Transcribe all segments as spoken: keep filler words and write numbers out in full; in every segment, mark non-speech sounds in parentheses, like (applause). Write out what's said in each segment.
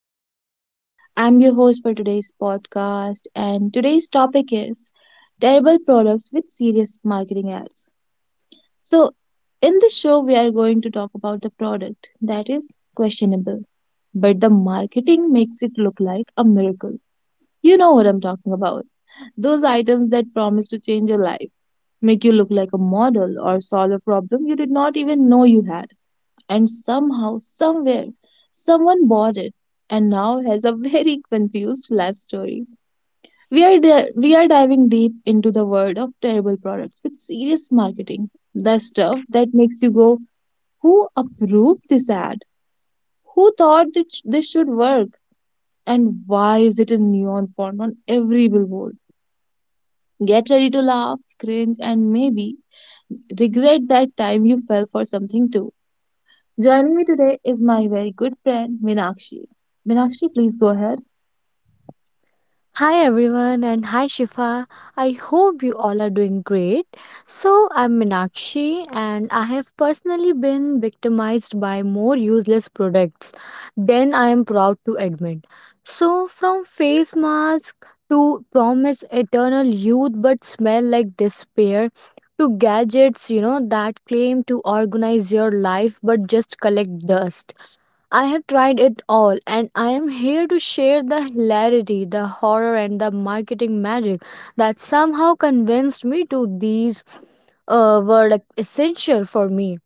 Shifa. I'm your host for today's podcast, and today's topic is terrible products with serious marketing ads. So, in this show, we are going to talk about the product that is questionable, but the marketing makes it look like a miracle. You know what I'm talking about. Those items that promise to change your life, make you look like a model, or solve a problem you did not even know you had, and somehow, somewhere, someone bought it and now has a very (laughs) confused life story. We are, di- we are diving deep into the world of terrible products with serious marketing. The stuff that makes you go, who approved this ad? Who thought that sh- this should work? And why is it in neon font on every billboard? Get ready to laugh, cringe, and maybe regret that time you fell for something too. Joining me today is my very good friend Minakshi. Minakshi, please go ahead. Hi everyone, and hi Shifa. I hope you all are doing great. So I'm Minakshi, and I have personally been victimized by more useless products than I am proud to admit. So from face mask to promise eternal youth but smell like despair to gadgets you know that claim to organize your life but just collect dust. I have tried it all, and I am here to share the hilarity, the horror, and the marketing magic that somehow convinced me to these uh, were like essential for me.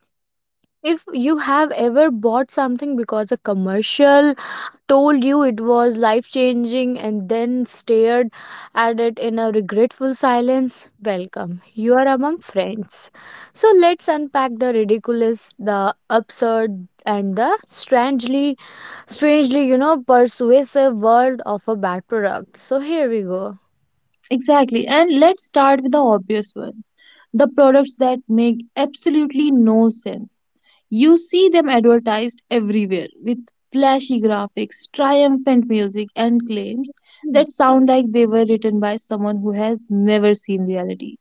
If you have ever bought something because a commercial told you it was life changing and then stared at it in a regretful silence, welcome. You are among friends. So let's unpack the ridiculous, the absurd, and the strangely strangely, you know, persuasive world of a bad product. So here we go. Exactly, and let's start with the obvious one, the products that make absolutely no sense. You see them advertised everywhere with flashy graphics, triumphant music, and claims Hmm. that sound like they were written by someone who has never seen reality.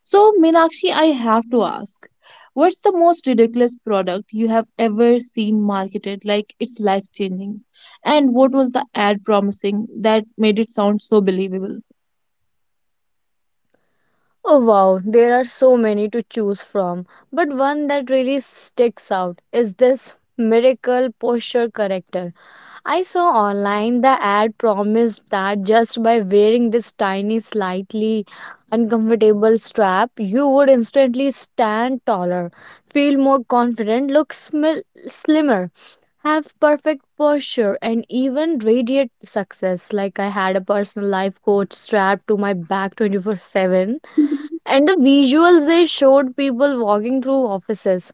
So, Meenakshi, I have to ask, what's the most ridiculous product you have ever seen marketed like it's life changing? And what was the ad promising that made it sound so believable? Oh wow, there are so many to choose from, but one that really sticks out is this miracle posture corrector I saw online. The ad promised that just by wearing this tiny, slightly uncomfortable strap, you would instantly stand taller, feel more confident, look smil- slimmer, have perfect posture, and even radiate success, like I had a personal life coach strapped to my back twenty-four seven. And the visuals they showed, people walking through offices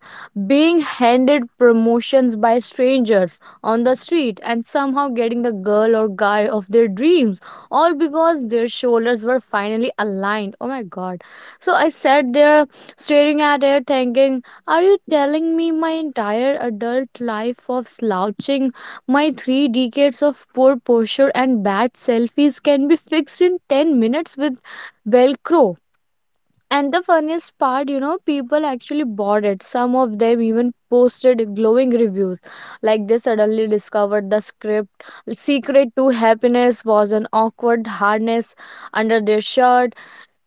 being handed promotions by strangers on the street and somehow getting the girl or guy of their dreams, all because their shoulders were finally aligned. Oh my god. So I sat there staring at it thinking, are you telling me my entire adult life of slouching, my three decades of poor posture and bad selfies, can be fixed in ten minutes with velcro? And the funniest part, you know, people actually bought it. Some of them even posted glowing reviews, like they suddenly discovered the script. Secret to Happiness was an awkward harness under their shirt.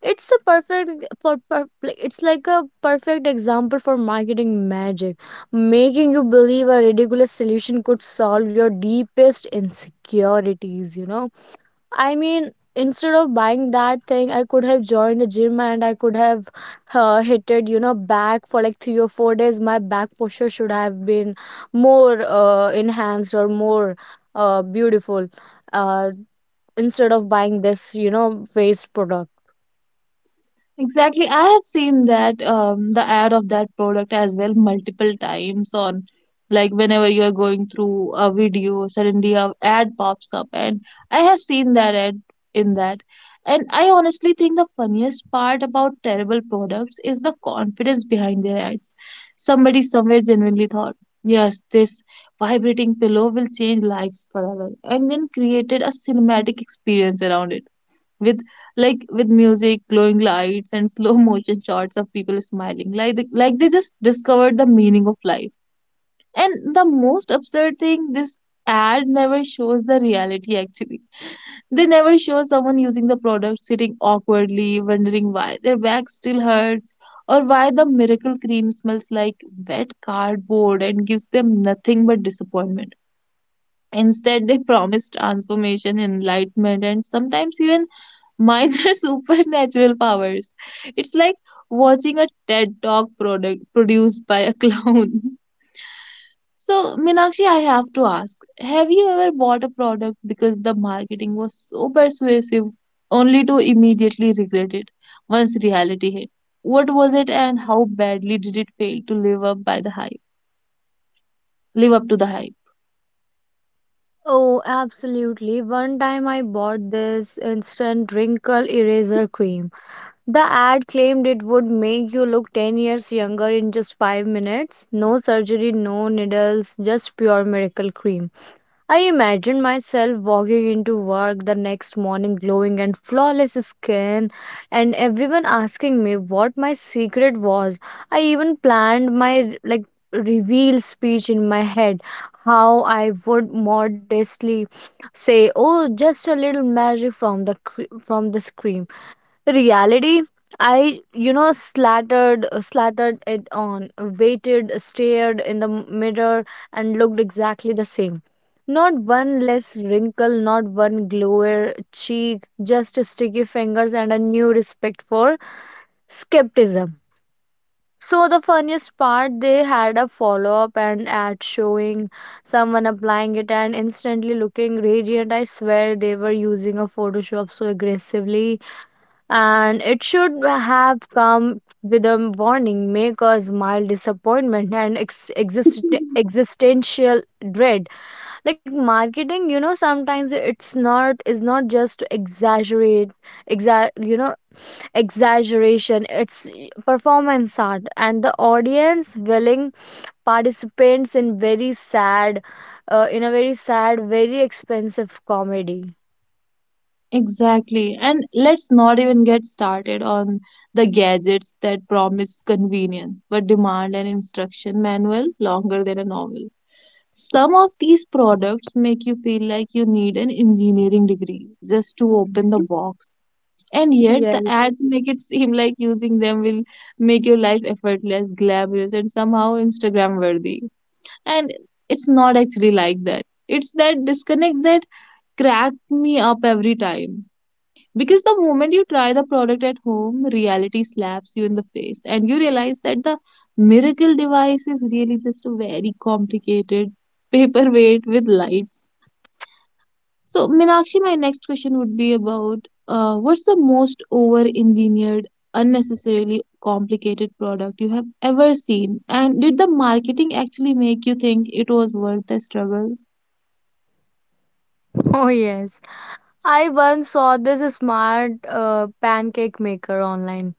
It's a perfect, per, per, like, it's like a perfect example for marketing magic, making you believe a ridiculous solution could solve your deepest insecurities, you know. I mean, instead of buying that thing, I could have joined a gym, and I could have uh, hit it, you know, back for like three or four days. My back posture should have been more uh, enhanced or more uh, beautiful, uh, instead of buying this, you know, waste product. Exactly. I have seen that um, the ad of that product as well multiple times on, like, whenever you are going through a video, suddenly a ad pops up and I have seen that ad in that. And I honestly think the funniest part about terrible products is the confidence behind their ads. Somebody somewhere genuinely thought, yes, this vibrating pillow will change lives forever, and then created a cinematic experience around it with, like with music, glowing lights, and slow (laughs) motion shots of people smiling, like they, like they just discovered the meaning of life. And the most absurd thing, this ad never shows the reality actually. They never show someone using the product sitting awkwardly, wondering why their back still hurts or why the miracle cream smells like wet cardboard and gives them nothing but disappointment. Instead, they promise transformation, enlightenment, and sometimes even Mine are (laughs) supernatural powers. It's like watching a TED Talk product produced by a clown. (laughs) So, Minakshi, I have to ask, have you ever bought a product because the marketing was so persuasive, only to immediately regret it once reality hit? What was it and how badly did it fail to live up by the hype? Live up to the hype? Oh, absolutely. One time I bought this instant wrinkle eraser cream. The ad claimed it would make you look ten years younger in just five minutes. No surgery, no needles, just pure miracle cream. I imagine myself walking into work the next morning glowing and flawless skin, and everyone asking me what my secret was. I even planned my, like, reveal speech in my head, how I would modestly say, oh, just a little magic from the cre- from the screen. Reality, I, you know slattered uh, slattered it on, waited, stared in the mirror, and looked exactly the same. Not one less wrinkle, not one glower cheek, just sticky fingers and a new respect for skepticism. So the funniest part, they had a follow-up and ad showing someone applying it and instantly looking radiant. I swear they were using a photoshop so aggressively. And it should have come with a warning, make us mild disappointment and ex- exist- existential dread. Like marketing, you know, sometimes it's not is not just to exaggerate, exa- you know, exaggeration. It's performance art, and the audience willing participants in very sad, uh, in a very sad, very expensive comedy. Exactly. And let's not even get started on the gadgets that promise convenience but demand an instruction manual longer than a novel. Some of these products make you feel like you need an engineering degree just to open the Mhm. box. And yet Yeah. the ads make it seem like using them will make your life effortless, glamorous, and somehow Instagram worthy. And it's not actually like that. It's that disconnect that cracked me up every time. Because the moment you try the product at home, reality slaps you in the face and you realize that the miracle device is really just a very complicated (laughs) paperweight with lights. So, Minakshi, my next question would be about uh, what's the most over engineered, unnecessarily complicated product you have ever seen? And did the marketing actually make you think it was worth the struggle? (laughs) Oh yes. I once saw this smart uh, pancake maker online.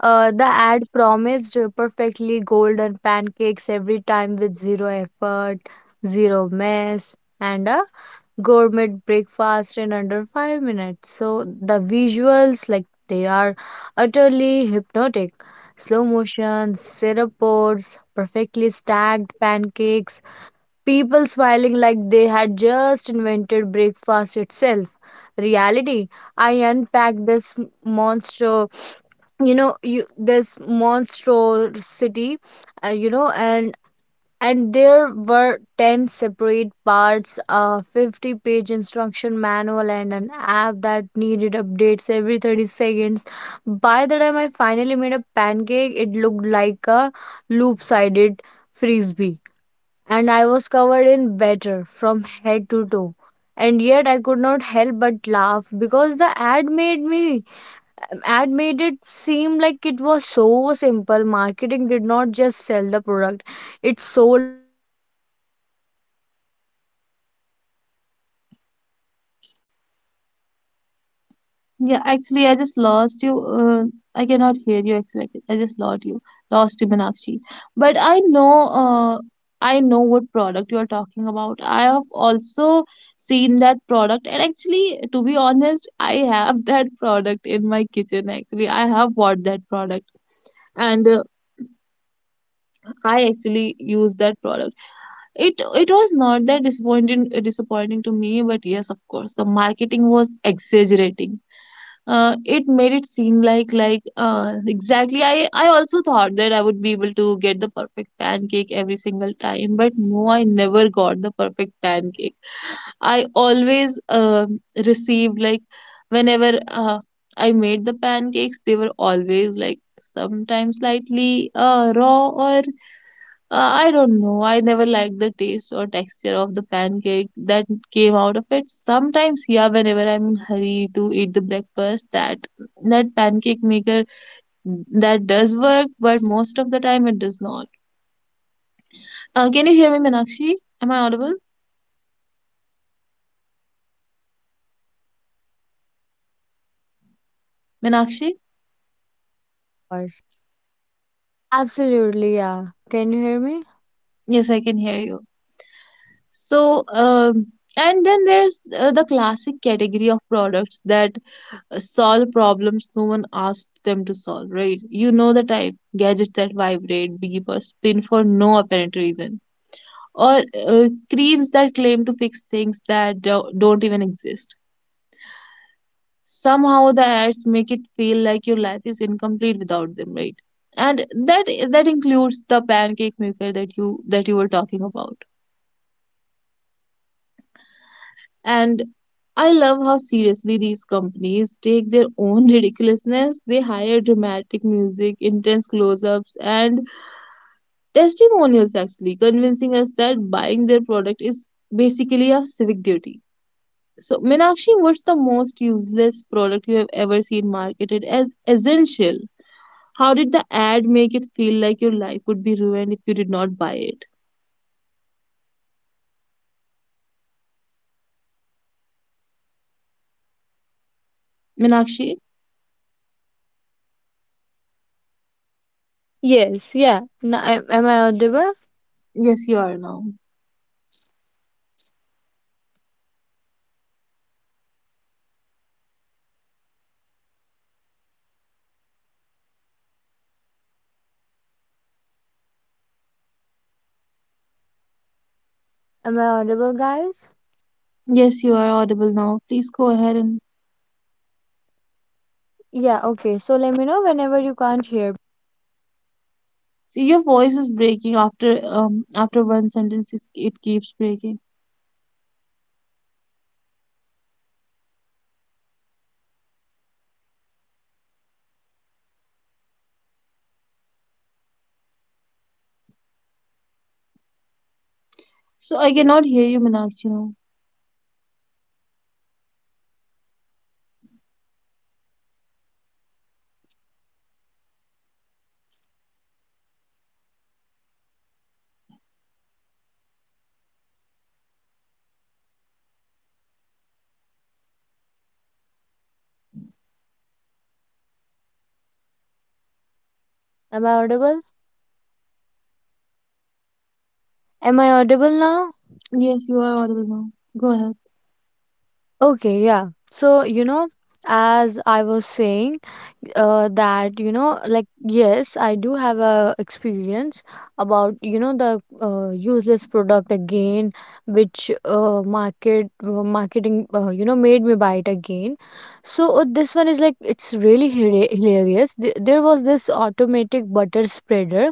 Uh, the ad promised perfectly golden pancakes every time with zero effort, zero mess, and a gourmet breakfast in under five minutes. So the visuals, like, they are utterly hypnotic. Slow motion, syrup pours, perfectly stacked pancakes, people smiling like they had just invented breakfast itself. Reality, I unpacked this monster. You know you, this monster city, uh, you know and and there were ten separate parts, a fifty page instruction manual, and an app that needed updates every thirty seconds. By the time I finally made a pancake, it looked like a loop sided frisbee, and I was covered in batter from head to toe. And yet I could not help but laugh because the ad made me ad made it seem like it was so simple. Marketing did not just sell the product, it sold a fantasy of effortless domestic perfection. And I was the sucker who believed it. Yeah, actually, I just lost you. Uh, I cannot hear you. Actually, I just lost you. Lost you, Meenakshi. But I Wow. know. Uh, I know what product you are talking about. I have also seen that product, and actually, to be honest, I have (laughs) that product in my kitchen. Actually, I have bought that product, and uh, I actually use that product. It it was not that disappointing disappointing to me, but yes, of course, the marketing was exaggerating. Uh, it made it seem like like uh, exactly. I I also thought that I would be able to get the perfect pancake every single time, but no, I never got the perfect pancake. I always um received, like, whenever uh, I made the pancakes, they were always, like, sometimes slightly uh, raw or uh, I don't know. I never liked the taste or texture of the pancake that came out of it. Sometimes, yeah, whenever I'm in hurry to eat the breakfast, that that pancake maker, that does work, but most of the time it does not. Uh, can you hear me, Meenakshi? Am I audible, Meenakshi? Course. Absolutely, yeah. Can you hear me? Yes, I can hear you. So, um, and then there's uh, the classic category of products that uh, solve problems no one asked them to solve, right? You know the type, gadgets that vibrate, beep, or spin for no apparent reason, or uh, creams that claim to fix things that do- don't even exist. Somehow the ads make it feel like your life is incomplete without them, right? And that that includes the pancake maker that you that you were talking about. And I love how seriously these companies take their own (laughs) ridiculousness. They hire dramatic music, intense close ups, and testimonials, actually, convincing us that buying their product is basically a civic duty. So, Meenakshi, what's the most useless product you have ever seen marketed as essential? How did the ad make it feel like your life would be ruined if you did not buy it? Meenakshi, Yes, yeah. Now, am, am I audible? yes, you are now. Am I audible, guys? Yes, you are audible now. Please go ahead and Yeah, okay. So let me know whenever you can't hear. See, your voice is breaking after um after one sentence. It, it keeps breaking. So I cannot hear you, Meenakshi. Now, Am I audible? Am I audible now? yes, you are audible now. Go ahead. Okay, yeah. So, you know, as I was saying, uh, that, you know, like, yes, I do have a experience about, you know, the uh, useless product again, which uh, market uh, marketing, uh, you know, made me buy it again. So uh, this one is, like, it's really hila- hilarious. Th- There was this automatic butter spreader.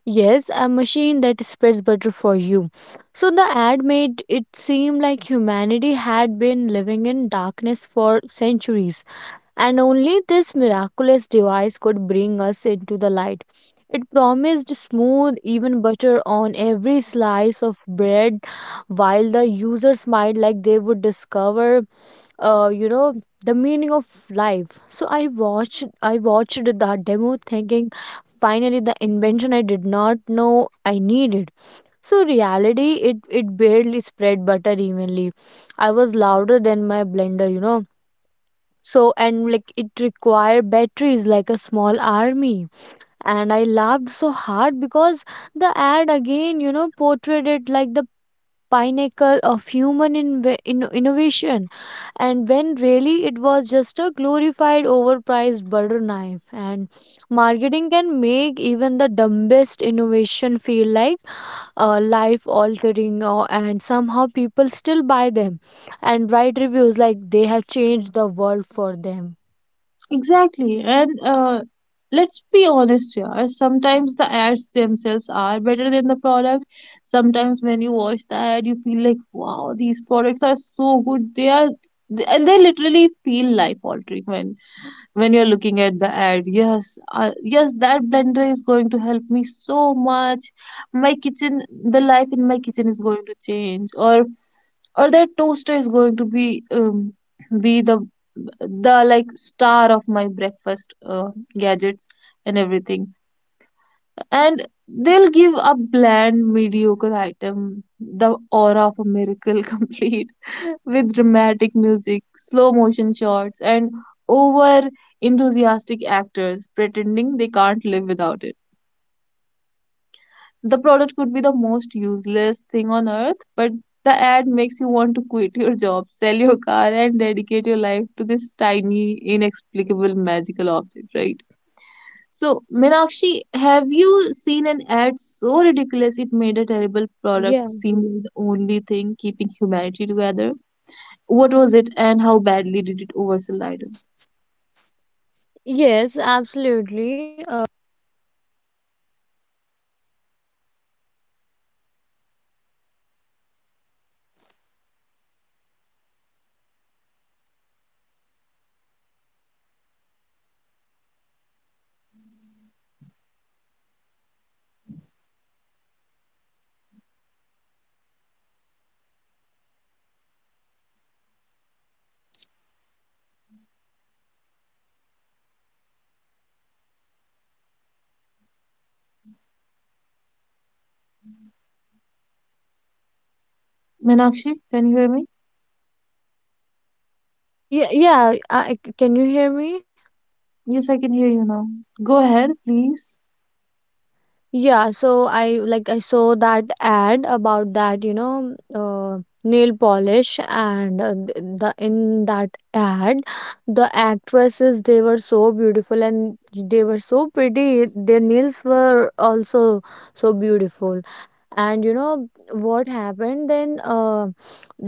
Yes, a machine that spreads butter for you. So the ad made it seem like humanity had been living in darkness for centuries, and only this miraculous device could bring us into the light. It promised smooth, even butter on every slice of bread, while the users smiled like they would discover, uh, you know the meaning of life. So I watched, i watched that demo thinking, finally, the invention I did not know I needed. So reality, it it barely spread butter evenly. I was louder than my blender, you know so, and like, it required batteries like a small army. And I laughed so hard because the ad again, you know portrayed it like the pinnacle of human inve- in- innovation. And when really it was just a glorified overpriced butter knife. And marketing can make even the dumbest innovation feel like, uh, life altering or, and somehow people still buy them and write reviews like they have changed the world for them. Exactly, and uh, let's be honest here. Sometimes the ads themselves are better than the product. Sometimes when you watch the ad, you feel like, wow, these products are so good. They are, they, and they literally feel life altering when when you're looking at the ad. Yes, uh, yes, that blender is going to help me so much, my kitchen, the life in my kitchen is going to change, or or that toaster is going to be, um, be the the like, star of my breakfast uh, gadgets and everything. And they'll give a bland mediocre item the aura of a miracle, (laughs) complete with dramatic music, slow motion shots, and over enthusiastic actors pretending they can't live without it. The product could be the most useless thing on earth, but the ad makes you want to quit your job, sell your car, and dedicate your life to this tiny inexplicable magical object, right? So, Meenakshi, have you seen an ad so ridiculous it made a terrible product Yeah. seem like the only thing keeping humanity together? What was it and how badly did it oversell the item? Yes, absolutely. Meenakshi, can you hear me? Yeah, yeah uh, can you hear me? Yes, I can hear you now. Go ahead, please. Yeah, so I, like I saw that ad about that, you know, uh, nail polish. And uh, th- the in that ad, the actresses, they were so beautiful and they were so pretty. Their nails were also so beautiful. And you know what happened then? uh,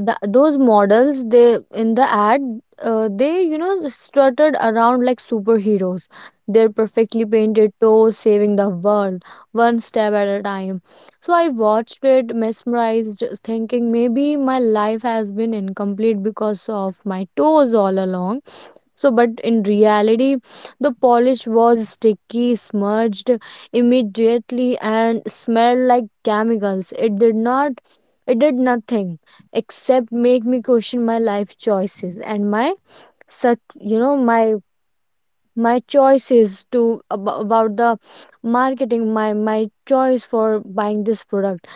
th- Those models, they in the ad, uh, they, you know strutted around like superheroes, their perfectly painted toes saving the world one step at a time. So I watched it mesmerized, thinking maybe my life has been incomplete because of my toes all along. So, but in reality, the polish was sticky, smudged immediately, and smelled like chemicals. It did not, it did nothing except make me question my life choices and my, suc- you know, my my choices to ab- about the marketing, my my choice for buying this product.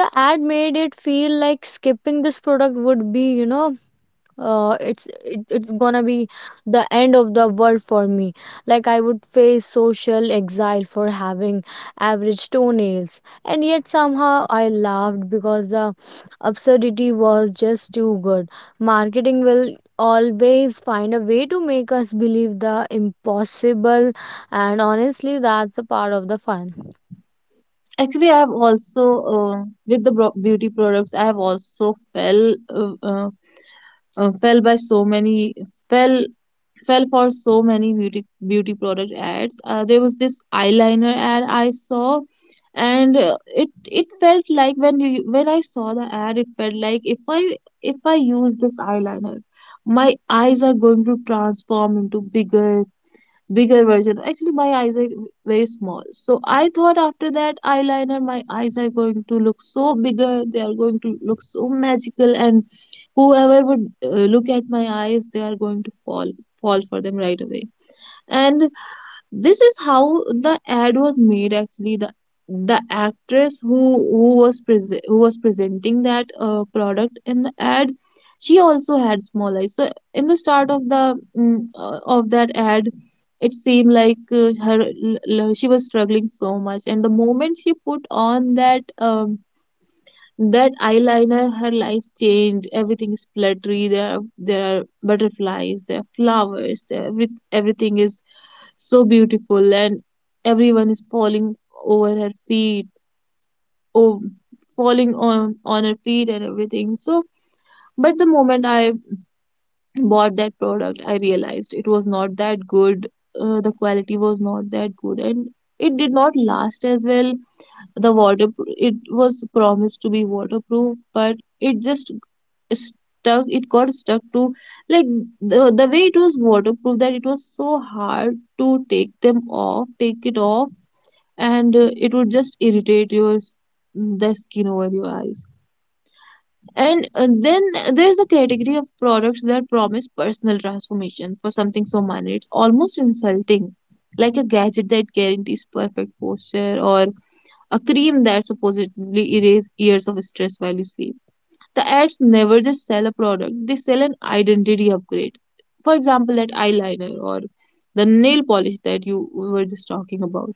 The ad made it feel like skipping this product would be, you know uh, it's it, it's gonna be the end of the world for me, like I would face social exile for having average toenails. And yet somehow I laughed because the absurdity was just too good. Marketing will always find a way to make us believe the impossible, and honestly, that's the part of the fun. Actually, I have also, uh, with the bro- beauty products, I have also fell, uh, uh, uh, fell by so many, fell fell for so many beauty beauty product ads. Uh, there was this eyeliner ad I saw, and uh, it it felt like when you when I saw the ad, it felt like if I if I use this eyeliner, my eyes are going to transform into bigger bigger version. Actually, my eyes are very small. So I thought after that eyeliner, my eyes are going to look so bigger. They are going to look so magical, and whoever would uh, look at my eyes, they are going to fall fall for them right away. And this is how the ad was made. Actually, the the actress who who was prese- who was presenting that uh, product in the ad, she also had small eyes. So in the start of the mm, uh, of that ad, it seemed like uh, her l- l- she was struggling so much, and the moment she put on that um that eyeliner, her life changed. Everything is fluttery, there are, there are butterflies, there are flowers there, every, everything is so beautiful, and everyone is falling over her feet. Oh, falling on on her feet and everything. So, but the moment I bought that product, I realized it was not that good. Uh, the quality was not that good, and it did not last as well. The water, it was promised to be waterproof, but it just stuck it got stuck to, like, the, the way it was waterproof, that it was so hard to take them off take it off. And uh, it would just irritate your s- the skin over your eyes. And uh, then there's the category of products that promise personal transformation for something so minor, it's almost insulting. Like a gadget that guarantees perfect posture, or a cream that supposedly erases years of stress while you sleep. The ads never just sell a product, they sell an identity upgrade. For example, that eyeliner, or the nail polish that you were just talking about.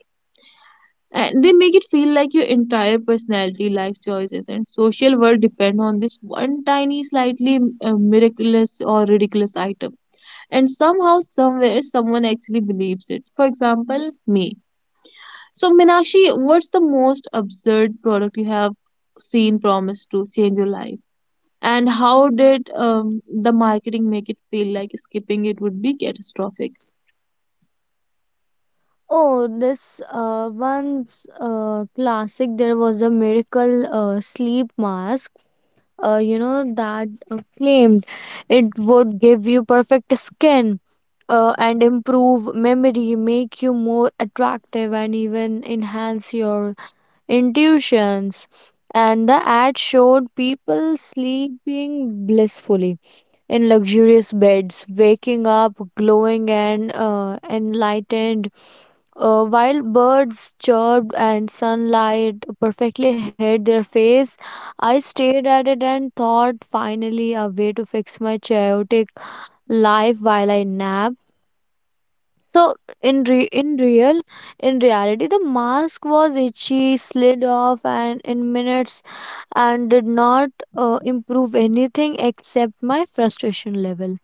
And they make it feel like your entire personality, life choices, and social world depend on this one tiny, slightly uh, miraculous or ridiculous item. And somehow, somewhere, someone actually believes it. For example, me. So, Minakshi, what's the most absurd product you have seen promised to change your life? And how did um, the marketing make it feel like skipping it would be catastrophic? Oh, this uh, once uh, classic, there was a miracle uh, sleep mask, uh, you know that uh, claimed it would give you perfect skin uh, and improve memory, make you more attractive, and even enhance your intuitions. And the ad showed people sleeping blissfully in luxurious beds, waking up glowing and uh, enlightened. Uh, while birds chirped and sunlight perfectly hid their face, I stared at it and thought, finally, a way to fix my chaotic life while I nap. So in re- in real in reality, the mask was itchy, slid off and in minutes, and did not uh, improve anything except my frustration level.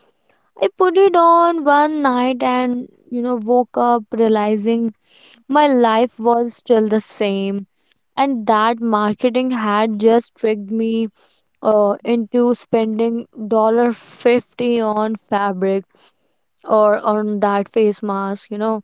I put it on one night and, you know, woke up realizing my life was still the same. And that marketing had just tricked me uh, into spending dollar fifty on fabric or on that face mask, you know.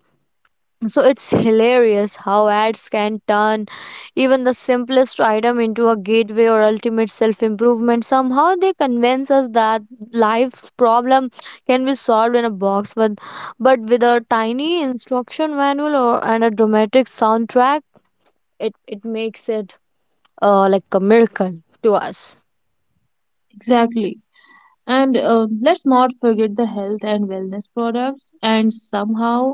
So it's hilarious how ads can turn even the simplest item into a gateway or ultimate self improvement. Somehow they convince us that life's problem can be solved in a box, with, but with a tiny instruction manual or, and a dramatic soundtrack. It, it makes it uh, like a miracle to us. Exactly. And uh, let's not forget the health and wellness products, and somehow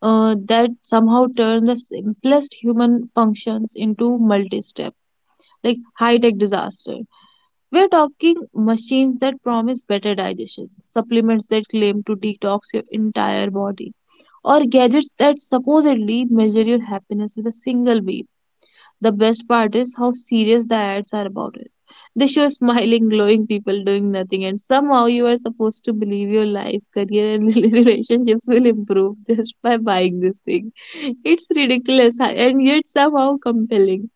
uh, that somehow turn the simplest human functions into multi-step, like, high-tech disaster. We're talking machines that promise better digestion, supplements that claim to detox your entire body, or gadgets that supposedly measure your happiness with a single beep. The best part is how serious the ads are about it. They show smiling, (laughs) glowing people doing nothing, and somehow you are supposed to believe your life, career, and (laughs) relationships will improve just by buying this thing. It's ridiculous, and yet somehow compelling.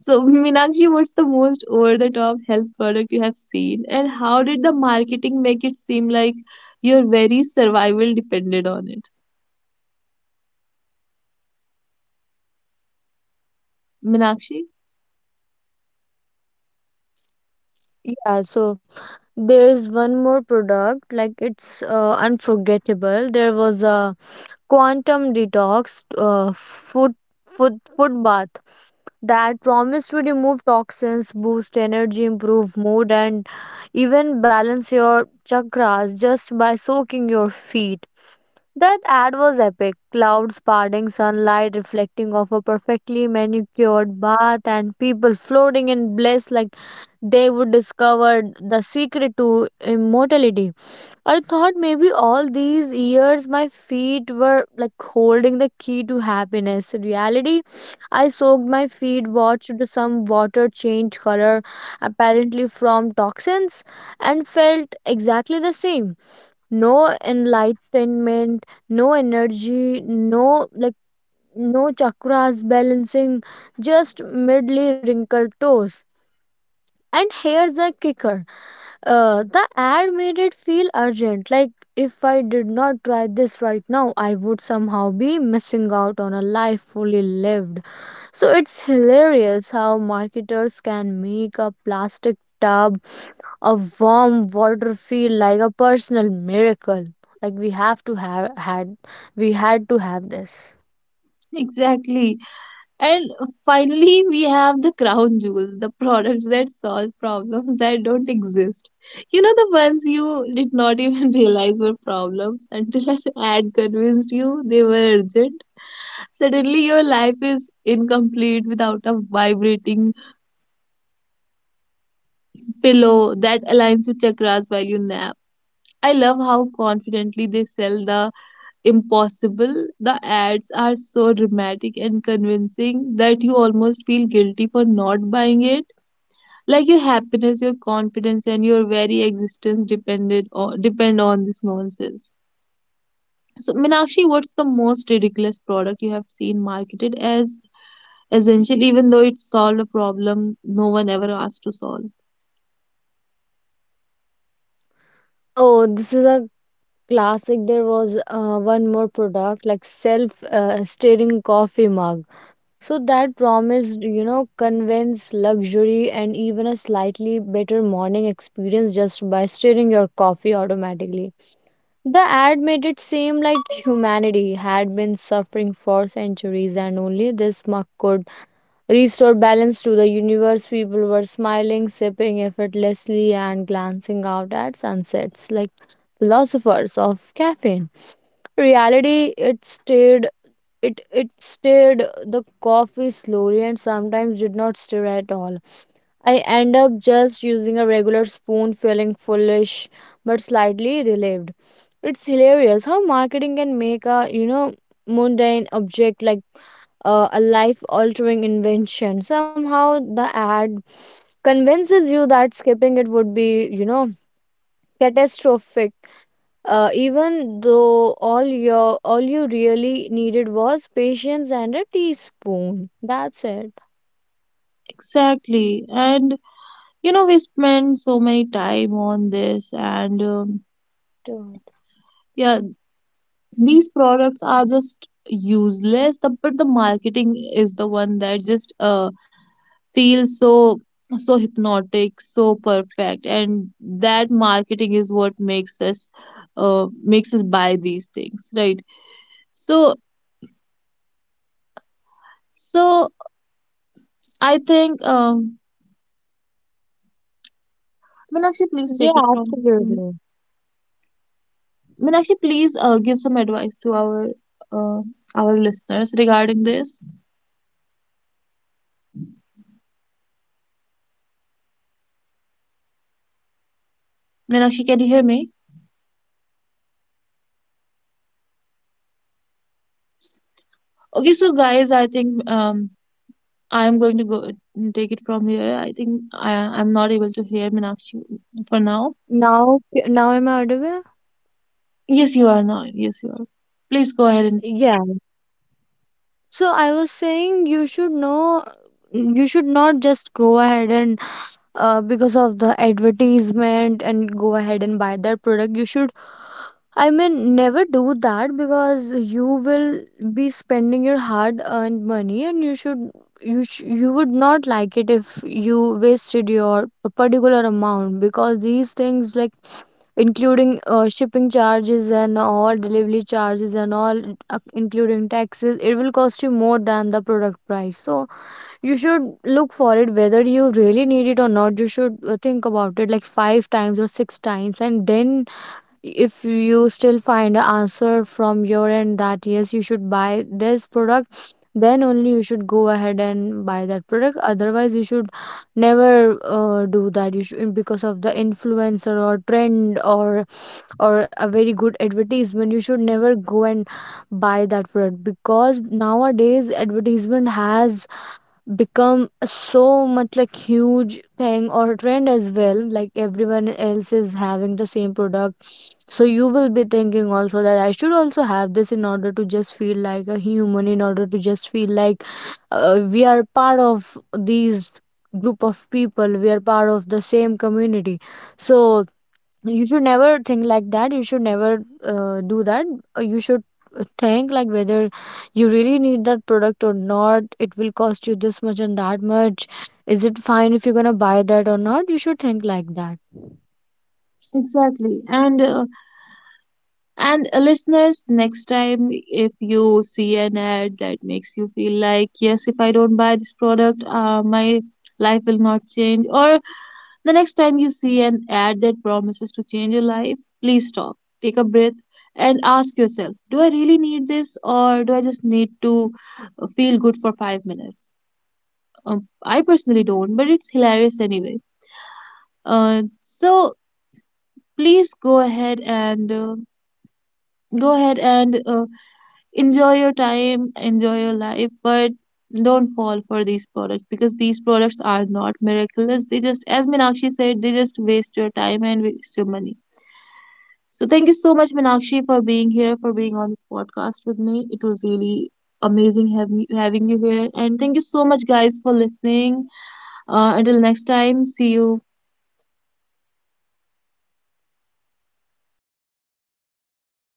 So, Minakshi, what's the most over the top health product you have seen, and how did the marketing make it seem like your very survival depended on it? Minakshi? Yeah, so there's one more product, like, it's uh, unforgettable. There was a quantum detox uh, foot foot foot bath that promise to remove toxins, boost energy, improve mood, and even balance your chakras just by soaking your feet. That ad was epic. Clouds parting, sunlight reflecting off a perfectly manicured bath, and people floating in bliss like they would discover the secret to immortality. I thought maybe all these years my feet were like holding the key to happiness. In reality, I soaked my feet, watched some water change color, apparently from toxins, and felt exactly the same. No enlightenment, no energy, no like no chakras balancing, just midly wrinkled toes. And here's the kicker. Uh, the ad made it feel urgent, like if I did not try this right now, I would somehow be missing out on a life fully lived. So it's hilarious how marketers can make a plastic tub of warm water feel like a personal miracle. Like we have to have had, we had to have this. Exactly. And finally, we have the crown jewels, the products that solve problems that don't exist. You know, the ones you did not even (laughs) realize were problems until an ad convinced you they were urgent. Suddenly, your life is incomplete without a vibrating pillow that aligns with chakras while you nap. I love how confidently they sell the impossible. The ads are so dramatic and convincing that you almost feel guilty for not buying it. Like your happiness, your confidence, and your very existence depended on, depend on this nonsense. So, Minakshi, what's the most ridiculous product you have seen marketed as essential, even though it solved a problem no one ever asked to solve? Oh, this is a classic. There was uh, one more product, like self uh, stirring coffee mug so that promised, you know convince luxury and even a slightly better morning experience just by stirring your coffee automatically. The ad made it seem like humanity had been suffering for centuries and only this mug could restore balance to the universe. People were smiling, sipping effortlessly and glancing out at sunsets like philosophers of caffeine. Reality, it stayed it it stayed The coffee slowly and sometimes did not stir at all. I end up just using a regular spoon, feeling foolish but slightly relieved. It's hilarious how marketing can make a you know mundane object, like uh, a life altering invention. Somehow the ad convinces you that skipping it would be you know catastrophic, uh, even though all your all you really needed was patience and a teaspoon. That's it. Exactly. And, you know, we spend so many time on this, and um, Right. yeah, these products are just useless, the, but the marketing is the one that just uh, feels so so hypnotic, so perfect, and that marketing is what makes us uh, makes us buy these things, right? So so I think um, Meenakshi, please Yeah, take it from absolutely. Meenakshi. Please uh, give some advice to our uh, our listeners regarding this. Meenakshi, can you hear me? Okay, so guys, I think um, I am going to go and take it from here. I think I I'm not able to hear Meenakshi for now. Now, Now am I audible? Yes, you are not. Yes, you are. Please go ahead and Yeah, so I was saying, you should know you should not just go ahead and uh, because of the advertisement and go ahead and buy that product. You should, I mean, never do that, because you will be spending your hard earned money, and you should you sh- you would not like it if you wasted your a particular amount, because these things, like including uh, shipping charges and all, delivery charges and all, uh, including taxes, it will cost you more than the product price. So you should look for it, whether you really need it or not. You should uh, think about it like five times or six times, and then if you still find an answer from your end that yes, you should buy this product, then only you should go ahead and buy that product. Otherwise, you should never uh, do that. You should, because of the influencer or trend or or a very good advertisement, you should never go and buy that product, because nowadays advertisement has become so much like huge thing or trend as well, like everyone else is having the same product. So you will be thinking also that I should also have this in order to just feel like a human, in order to just feel like uh, we are part of these group of people, we are part of the same community. So you should never think like that. You should never uh, do that. Uh, you should uh, think like whether you really need that product or not. It will cost you this much and that much. Is it fine if you're gonna buy that or not? You should think like that. exactly. And uh, and uh, listeners, next time if you see an ad that makes you feel like, yes, if I don't buy this product, uh, my life will not change. Or the next time you see an ad that promises to change your life, please stop, take a breath, and ask yourself, do I really need this, or do I just need to uh, feel good for five minutes? Um, I personally don't, but it's hilarious anyway. Uh, so please go ahead and uh, go ahead and uh, enjoy your time, enjoy your life, but don't fall for these products, because these products are not miraculous. They just, as Minakshi said, they just waste your time and waste your money. So thank you so much, Minakshi, for being here, for being on this podcast with me. It was really amazing having having you here, and thank you so much guys for listening. Uh, until next time, see you.